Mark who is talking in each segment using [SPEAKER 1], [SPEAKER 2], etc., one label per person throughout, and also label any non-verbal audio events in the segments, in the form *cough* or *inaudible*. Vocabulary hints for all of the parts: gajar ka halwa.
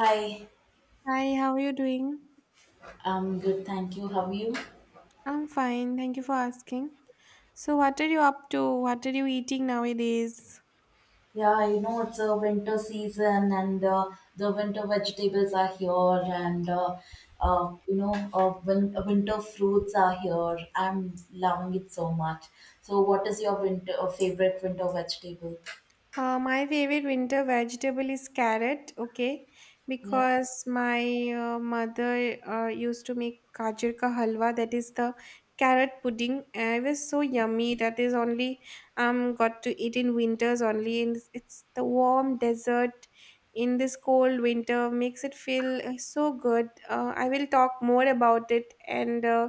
[SPEAKER 1] Hi,
[SPEAKER 2] Hi, how are you doing?
[SPEAKER 1] I'm good, thank you. How are you?
[SPEAKER 2] I'm fine, thank you for asking. So, what are you up to? What are you eating nowadays?
[SPEAKER 1] Yeah, you know, it's a winter season and the winter vegetables are here and winter fruits are here. I'm loving it so much. So what is your winter favorite winter vegetable?
[SPEAKER 2] My favorite winter vegetable is carrot, okay,
[SPEAKER 1] Yeah,
[SPEAKER 2] because my mother used to make gajar ka halwa, that is the carrot pudding. It was so yummy. That is only got to eat in winters only, and it's the warm dessert in this cold winter makes it feel so good. I will talk more about it and.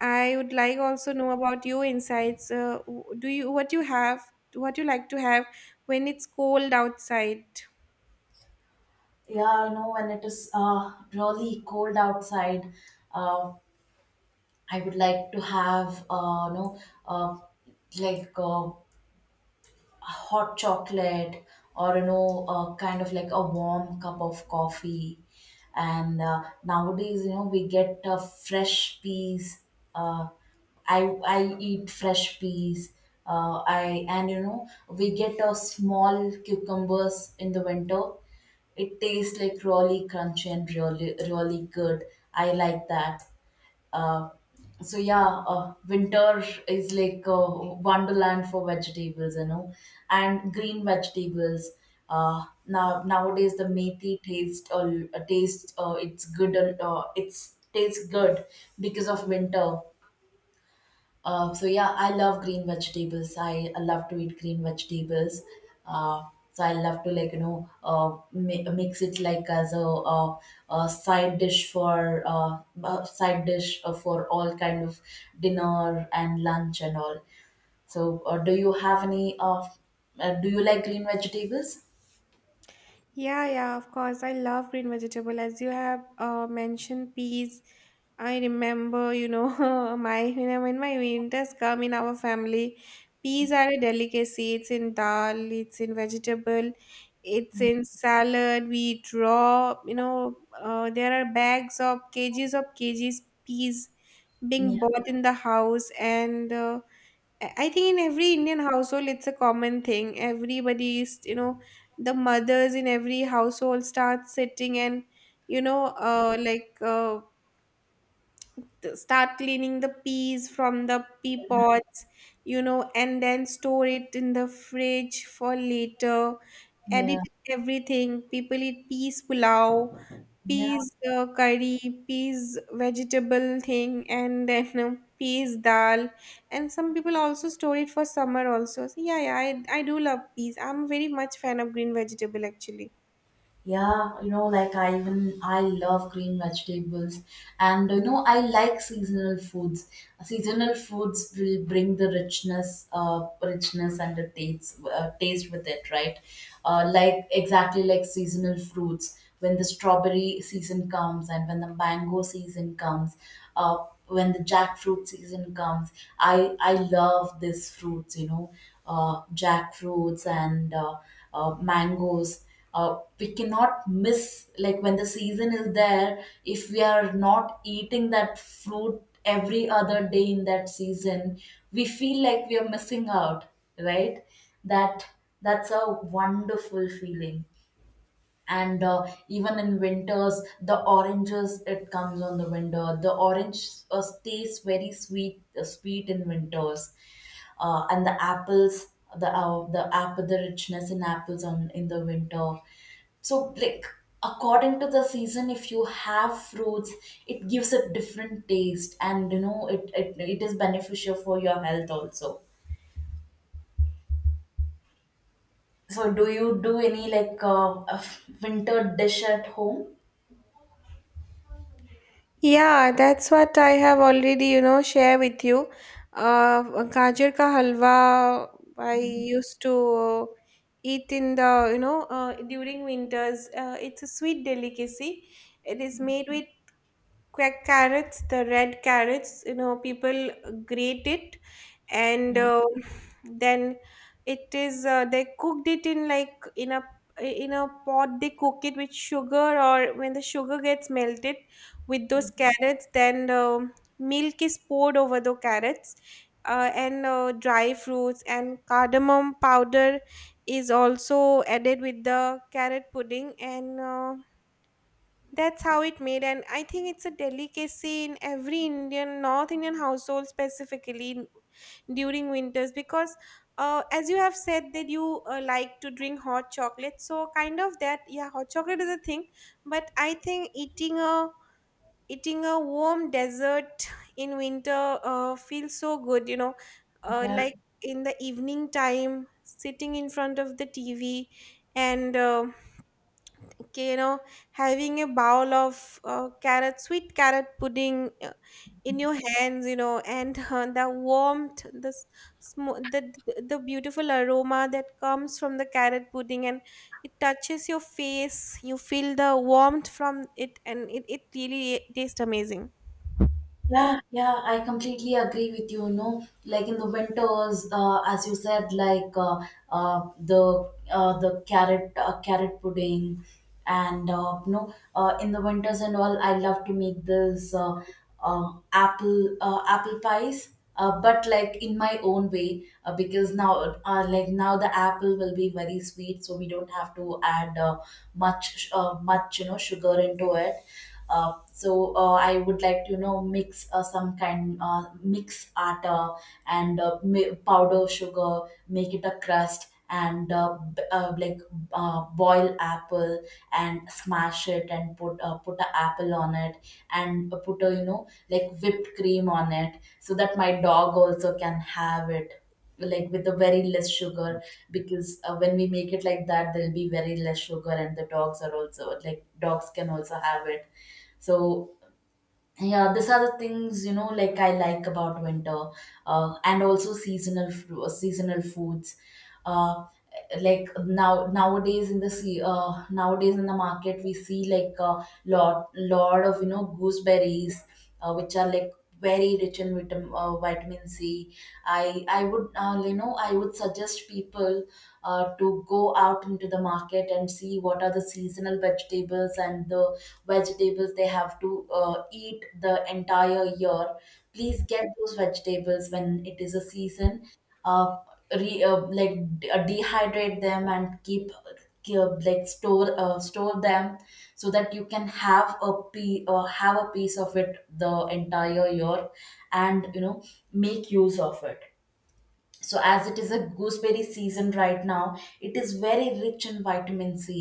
[SPEAKER 2] I would like also know about your insights. Do you what you have? What you like to have when it's cold outside?
[SPEAKER 1] yeah, you know, when it is really cold outside, uh, I would like to have, uh, like uh, hot chocolate or you know kind of like a warm cup of coffee and nowadays you know we get fresh peas. Uh, I I eat fresh peas. I and you know we get a small cucumbers in the winter. It tastes like really crunchy and really really good. I like that. Uh, so yeah, winter is like a wonderland for vegetables, you know, and green vegetables. Now nowadays the methi taste it's good it's tastes good because of winter. So yeah, I love green vegetables. I love to eat green vegetables. Uh, so I love to like you know mix it like as a, a side dish for uh, a side dish for all kind of dinner and lunch and all. So do you have any of? Do you like green vegetables?
[SPEAKER 2] Yeah, yeah, of course. I love green vegetable. As you have mentioned peas, I remember, *laughs* when my winters come in our family, peas are a delicacy. It's in dal, it's in vegetable, it's in salad. We eat raw, there are bags of kgs peas being
[SPEAKER 1] Yeah,
[SPEAKER 2] bought in the house and I think in every Indian household, it's a common thing. Everybody is, you know, the mothers in every household start sitting and, you know, uh, like uh, start cleaning the peas from the pea pods, you know, and then store it in the fridge for later.
[SPEAKER 1] yeah,
[SPEAKER 2] Edit everything. People eat peas pulao,
[SPEAKER 1] yeah.
[SPEAKER 2] peas curry, peas vegetable thing, and *laughs* then peas dal. And some people also store it for summer also. So yeah, yeah, I do love peas. I'm very much fan of green vegetable actually.
[SPEAKER 1] Yeah, you know, like I love green vegetables, and you know I like seasonal foods. Seasonal foods will bring the richness, richness and the taste, taste with it, right? Like exactly like seasonal fruits. When the strawberry season comes, and when the mango season comes, when the jackfruit season comes, I love these fruits. You know, jackfruits and mangoes. We cannot miss like when the season is there. If we are not eating that fruit every other day in that season we feel like we are missing out, right? That that's a wonderful feeling. And even in winters the oranges, it comes on the window. The orange stays very sweet, sweet in winters. And the apples, the apple, the richness in apples on in the winter. So like according to the season if you have fruits it gives a different taste, and you know it is beneficial for your health also. So do you do any like *laughs* winter dish at home?
[SPEAKER 2] Yeah, that's what I have already, you know, share with you. Uh, Gajar ka halwa I used to eat in the during winters. It's a sweet delicacy. It is made with quack carrots, the red carrots, you know, people grate it and then it is they cooked it in like in a pot they cook it with sugar or when the sugar gets melted with those carrots then milk is poured over the carrots and dry fruits and cardamom powder is also added with the carrot pudding and that's how it made, and I think it's a delicacy in every Indian, North Indian household specifically during winters because, as you have said, that you like to drink hot chocolate. So kind of that, yeah, hot chocolate is a thing, but I think eating a warm dessert in winter feels so good. You know,
[SPEAKER 1] Yeah.
[SPEAKER 2] like in the evening time, sitting in front of the TV and. Uh, Okay, having a bowl of carrot sweet carrot pudding in your hands you know and the warmth the, s- smo- the beautiful aroma that comes from the carrot pudding and it touches your face, you feel the warmth from it, and it really tastes amazing.
[SPEAKER 1] Yeah, yeah, I completely agree with you. You know, like in the winters, as you said, like the carrot, carrot pudding, and you know, in the winters and all, I love to make this apple pies. But like in my own way, because now, like now, the apple will be very sweet, so we don't have to add much, you know, sugar into it. So I would like to you know mix some kind, mix atta and powder sugar, make it a crust and like boil apple and smash it and put, put a apple on it, and put a you know like whipped cream on it, so that my dog also can have it, like with a very less sugar. Because when we make it like that there'll be very less sugar, and the dogs are also like dogs can also have it. So yeah, these are the things you know like I like about winter, and also seasonal foods. Uh, like nowadays in the market we see like a lot of you know gooseberries, which are like very rich in vitamin C. I would you know I would suggest people to go out into the market and see what are the seasonal vegetables and the vegetables they have to eat the entire year. Please get those vegetables when it is a season. Uh, Dehydrate them and keep, store them, so that you can have have a piece of it the entire year, and you know make use of it. So as it is a gooseberry season right now, it is very rich in vitamin c.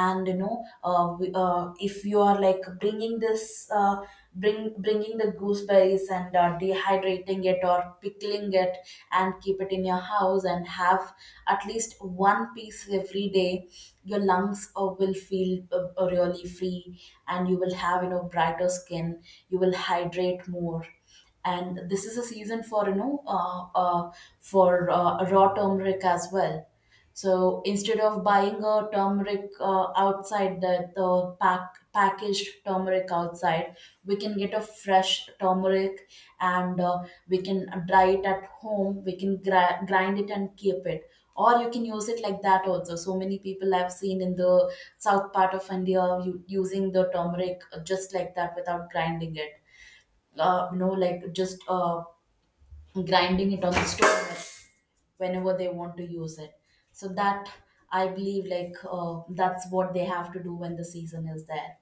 [SPEAKER 1] And you know if you are like bringing this, bringing the gooseberries and dehydrating it or pickling it and keep it in your house and have at least one piece every day. Your lungs will feel really free, and you will have you know brighter skin, you will hydrate more. And this is a season for you know for raw turmeric as well. So instead of buying a turmeric outside, the packaged turmeric outside, we can get a fresh turmeric. And we can dry it at home, we can grind it and keep it. Or you can use it like that also. So many people I've seen in the south part of india using the turmeric just like that without grinding it, you know, like just grinding it on the stone whenever they want to use it. So that I believe, like that's what they have to do when the season is there.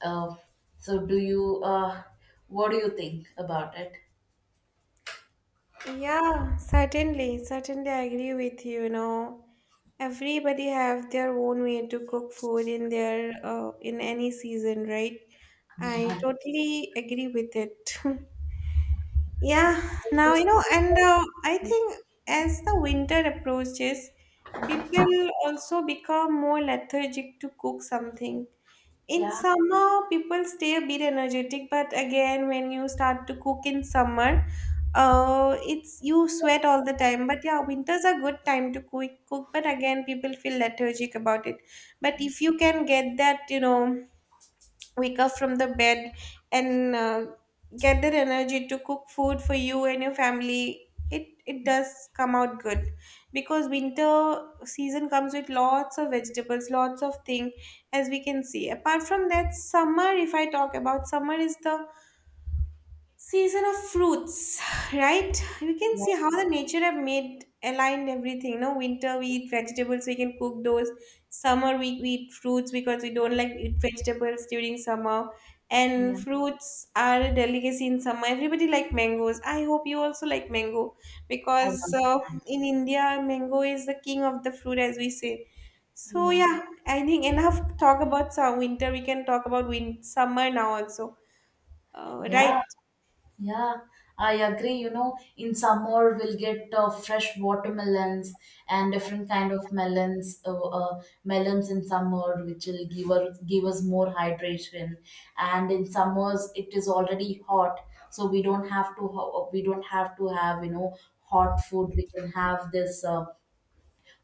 [SPEAKER 1] Uh, so, do you? What do you think about it?
[SPEAKER 2] Yeah, certainly, certainly I agree with you, you know. Everybody have their own way to cook food in their in any season, right? I
[SPEAKER 1] Yeah.
[SPEAKER 2] totally agree with it. *laughs* Yeah, now you know, and I think as the winter approaches, people also become more lethargic to cook something. In
[SPEAKER 1] Yeah.
[SPEAKER 2] summer, people stay a bit energetic, but again, when you start to cook in summer, it's you sweat all the time. But yeah, winter's a good time to cook, but again, people feel lethargic about it. But if you can get that, you know, wake up from the bed and get that energy to cook food for you and your family, it does come out good because winter season comes with lots of vegetables, lots of thing as we can see. Apart from that summer, if I talk about summer, is the season of fruits, right? You can
[SPEAKER 1] Yeah.
[SPEAKER 2] see how the nature have made aligned everything. No, winter we eat vegetables, we can cook those. Summer we eat fruits because we don't like eat vegetables during summer.
[SPEAKER 1] Yeah.
[SPEAKER 2] And fruits are a delicacy in summer. Everybody like mangoes. I hope you also like mango
[SPEAKER 1] I
[SPEAKER 2] because
[SPEAKER 1] don't mind.
[SPEAKER 2] in India mango is the king of the fruit as we say. So
[SPEAKER 1] Yeah.
[SPEAKER 2] yeah, I think enough talk about some winter. We can talk about win summer now also.
[SPEAKER 1] Yeah.
[SPEAKER 2] Right.
[SPEAKER 1] Yeah, I agree. You know, in summer we'll get fresh watermelons and different kind of melons, melons in summer, which will give us more hydration. And in summers it is already hot, so we don't have to we don't have to have you know hot food. We can have this.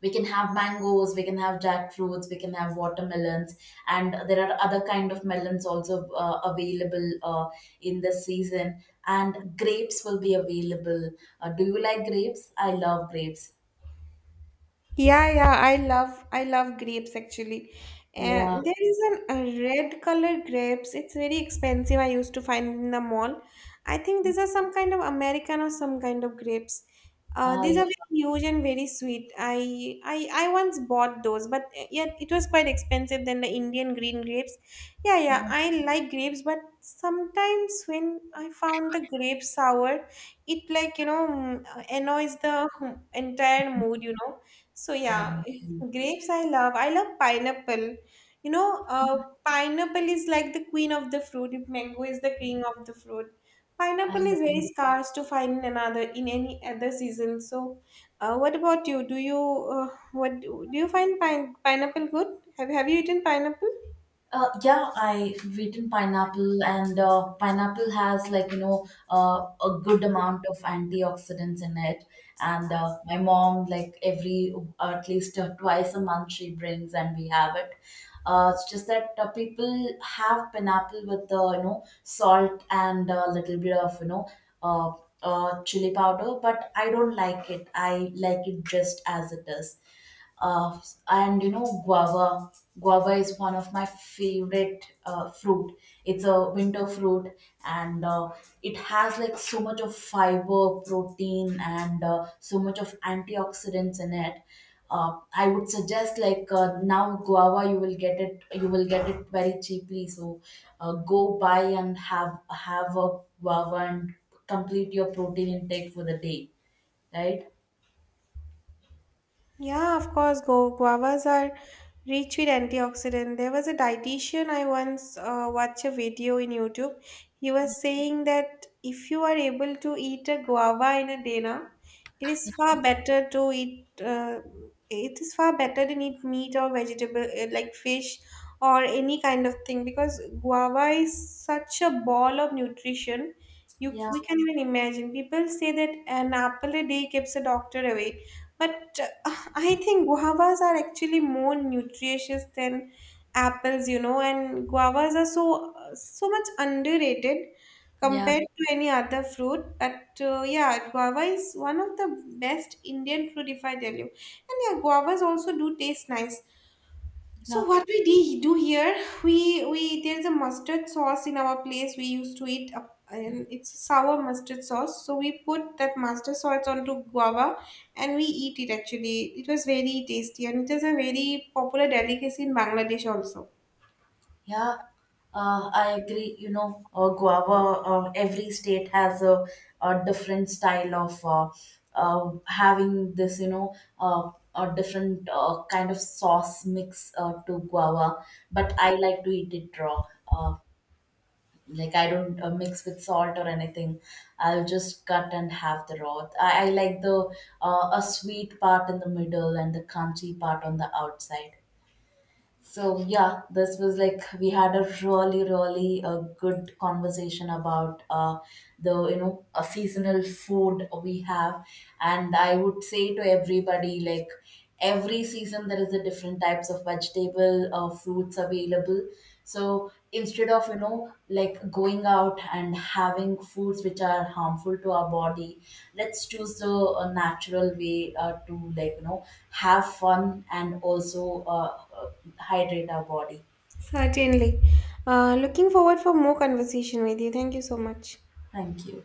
[SPEAKER 1] We can have mangoes, we can have jackfruits, we can have watermelons, and there are other kind of melons also available in the season, and grapes will be available. Do you like grapes? I love grapes.
[SPEAKER 2] Yeah, yeah, I love grapes actually.
[SPEAKER 1] Yeah,
[SPEAKER 2] And there is an a red color grapes. It's very expensive. I used to find in the mall. I think these are some kind of American or some kind of grapes. These
[SPEAKER 1] i,
[SPEAKER 2] are very huge and very sweet. I once bought those, but yeah, it was quite expensive than the Indian green grapes. Yeah, yeah, I like grapes, but sometimes when I found the grape sour, it like you know annoys the entire mood, you know so
[SPEAKER 1] I,
[SPEAKER 2] yeah, *laughs* grapes I love. I love pineapple. You know, pineapple is like the queen of the fruit. If mango is the king of the fruit,
[SPEAKER 1] I
[SPEAKER 2] pineapple is very scarce to find in another in any other season. So, what about you? Do you what do you find pineapple good? Have you eaten pineapple?
[SPEAKER 1] Yeah, I've eaten pineapple, and pineapple has like you know a good amount of antioxidants in it. And my mom, like every at least twice a month, she brings and we have it. It's just that people have pineapple with the you know salt and a little bit of you know uh, chili powder, but I don't like it. I like it just as it is. uh, and you know guava is one of my favorite fruit. It's a winter fruit, and it has like so much of fiber protein and so much of antioxidants in it. I would suggest like now guava you will get it very cheaply. So go buy and have a guava and complete your protein intake for the day, right?
[SPEAKER 2] Yeah, of course, guavas are rich with antioxidant. There was a dietitian I once watched a video in YouTube. He was saying that if you are able to eat a guava in a day now, it is far better to eat. It is far better than eat meat or vegetable like fish or any kind of thing because guava is such a ball of nutrition. You
[SPEAKER 1] Yeah,
[SPEAKER 2] we can even imagine. People say that an apple a day keeps a doctor away, but I think guavas are actually more nutritious than apples, you know, and guavas are so so much underrated
[SPEAKER 1] yeah.
[SPEAKER 2] compared to any other fruit. But yeah, guava is one of the best Indian fruit, if I tell you. And yeah, guavas also do taste nice.
[SPEAKER 1] Yeah.
[SPEAKER 2] So what we do here, we there's a mustard sauce in our place. We used to eat, and it's sour mustard sauce. So we put that mustard sauce onto guava, and we eat it. Actually, it was very tasty, and it is a very popular delicacy in Bangladesh also.
[SPEAKER 1] Yeah, I agree. You know, guava, every state has a different style of having this, you know, a different kind of sauce mix to guava. But I like to eat it raw. Uh, like I don't mix with salt or anything. I'll just cut and have the raw. I like the a sweet part in the middle and the crunchy part on the outside. So yeah, this was like we had a really really good conversation about the you know a seasonal food we have, and I would say to everybody like every season there is a different types of vegetable or fruits available. So instead of you know like going out and having foods which are harmful to our body, let's choose the natural way to like you know have fun and also. Hydrate our body.
[SPEAKER 2] Certainly, looking forward for more conversation with you. Thank you so much.
[SPEAKER 1] Thank you.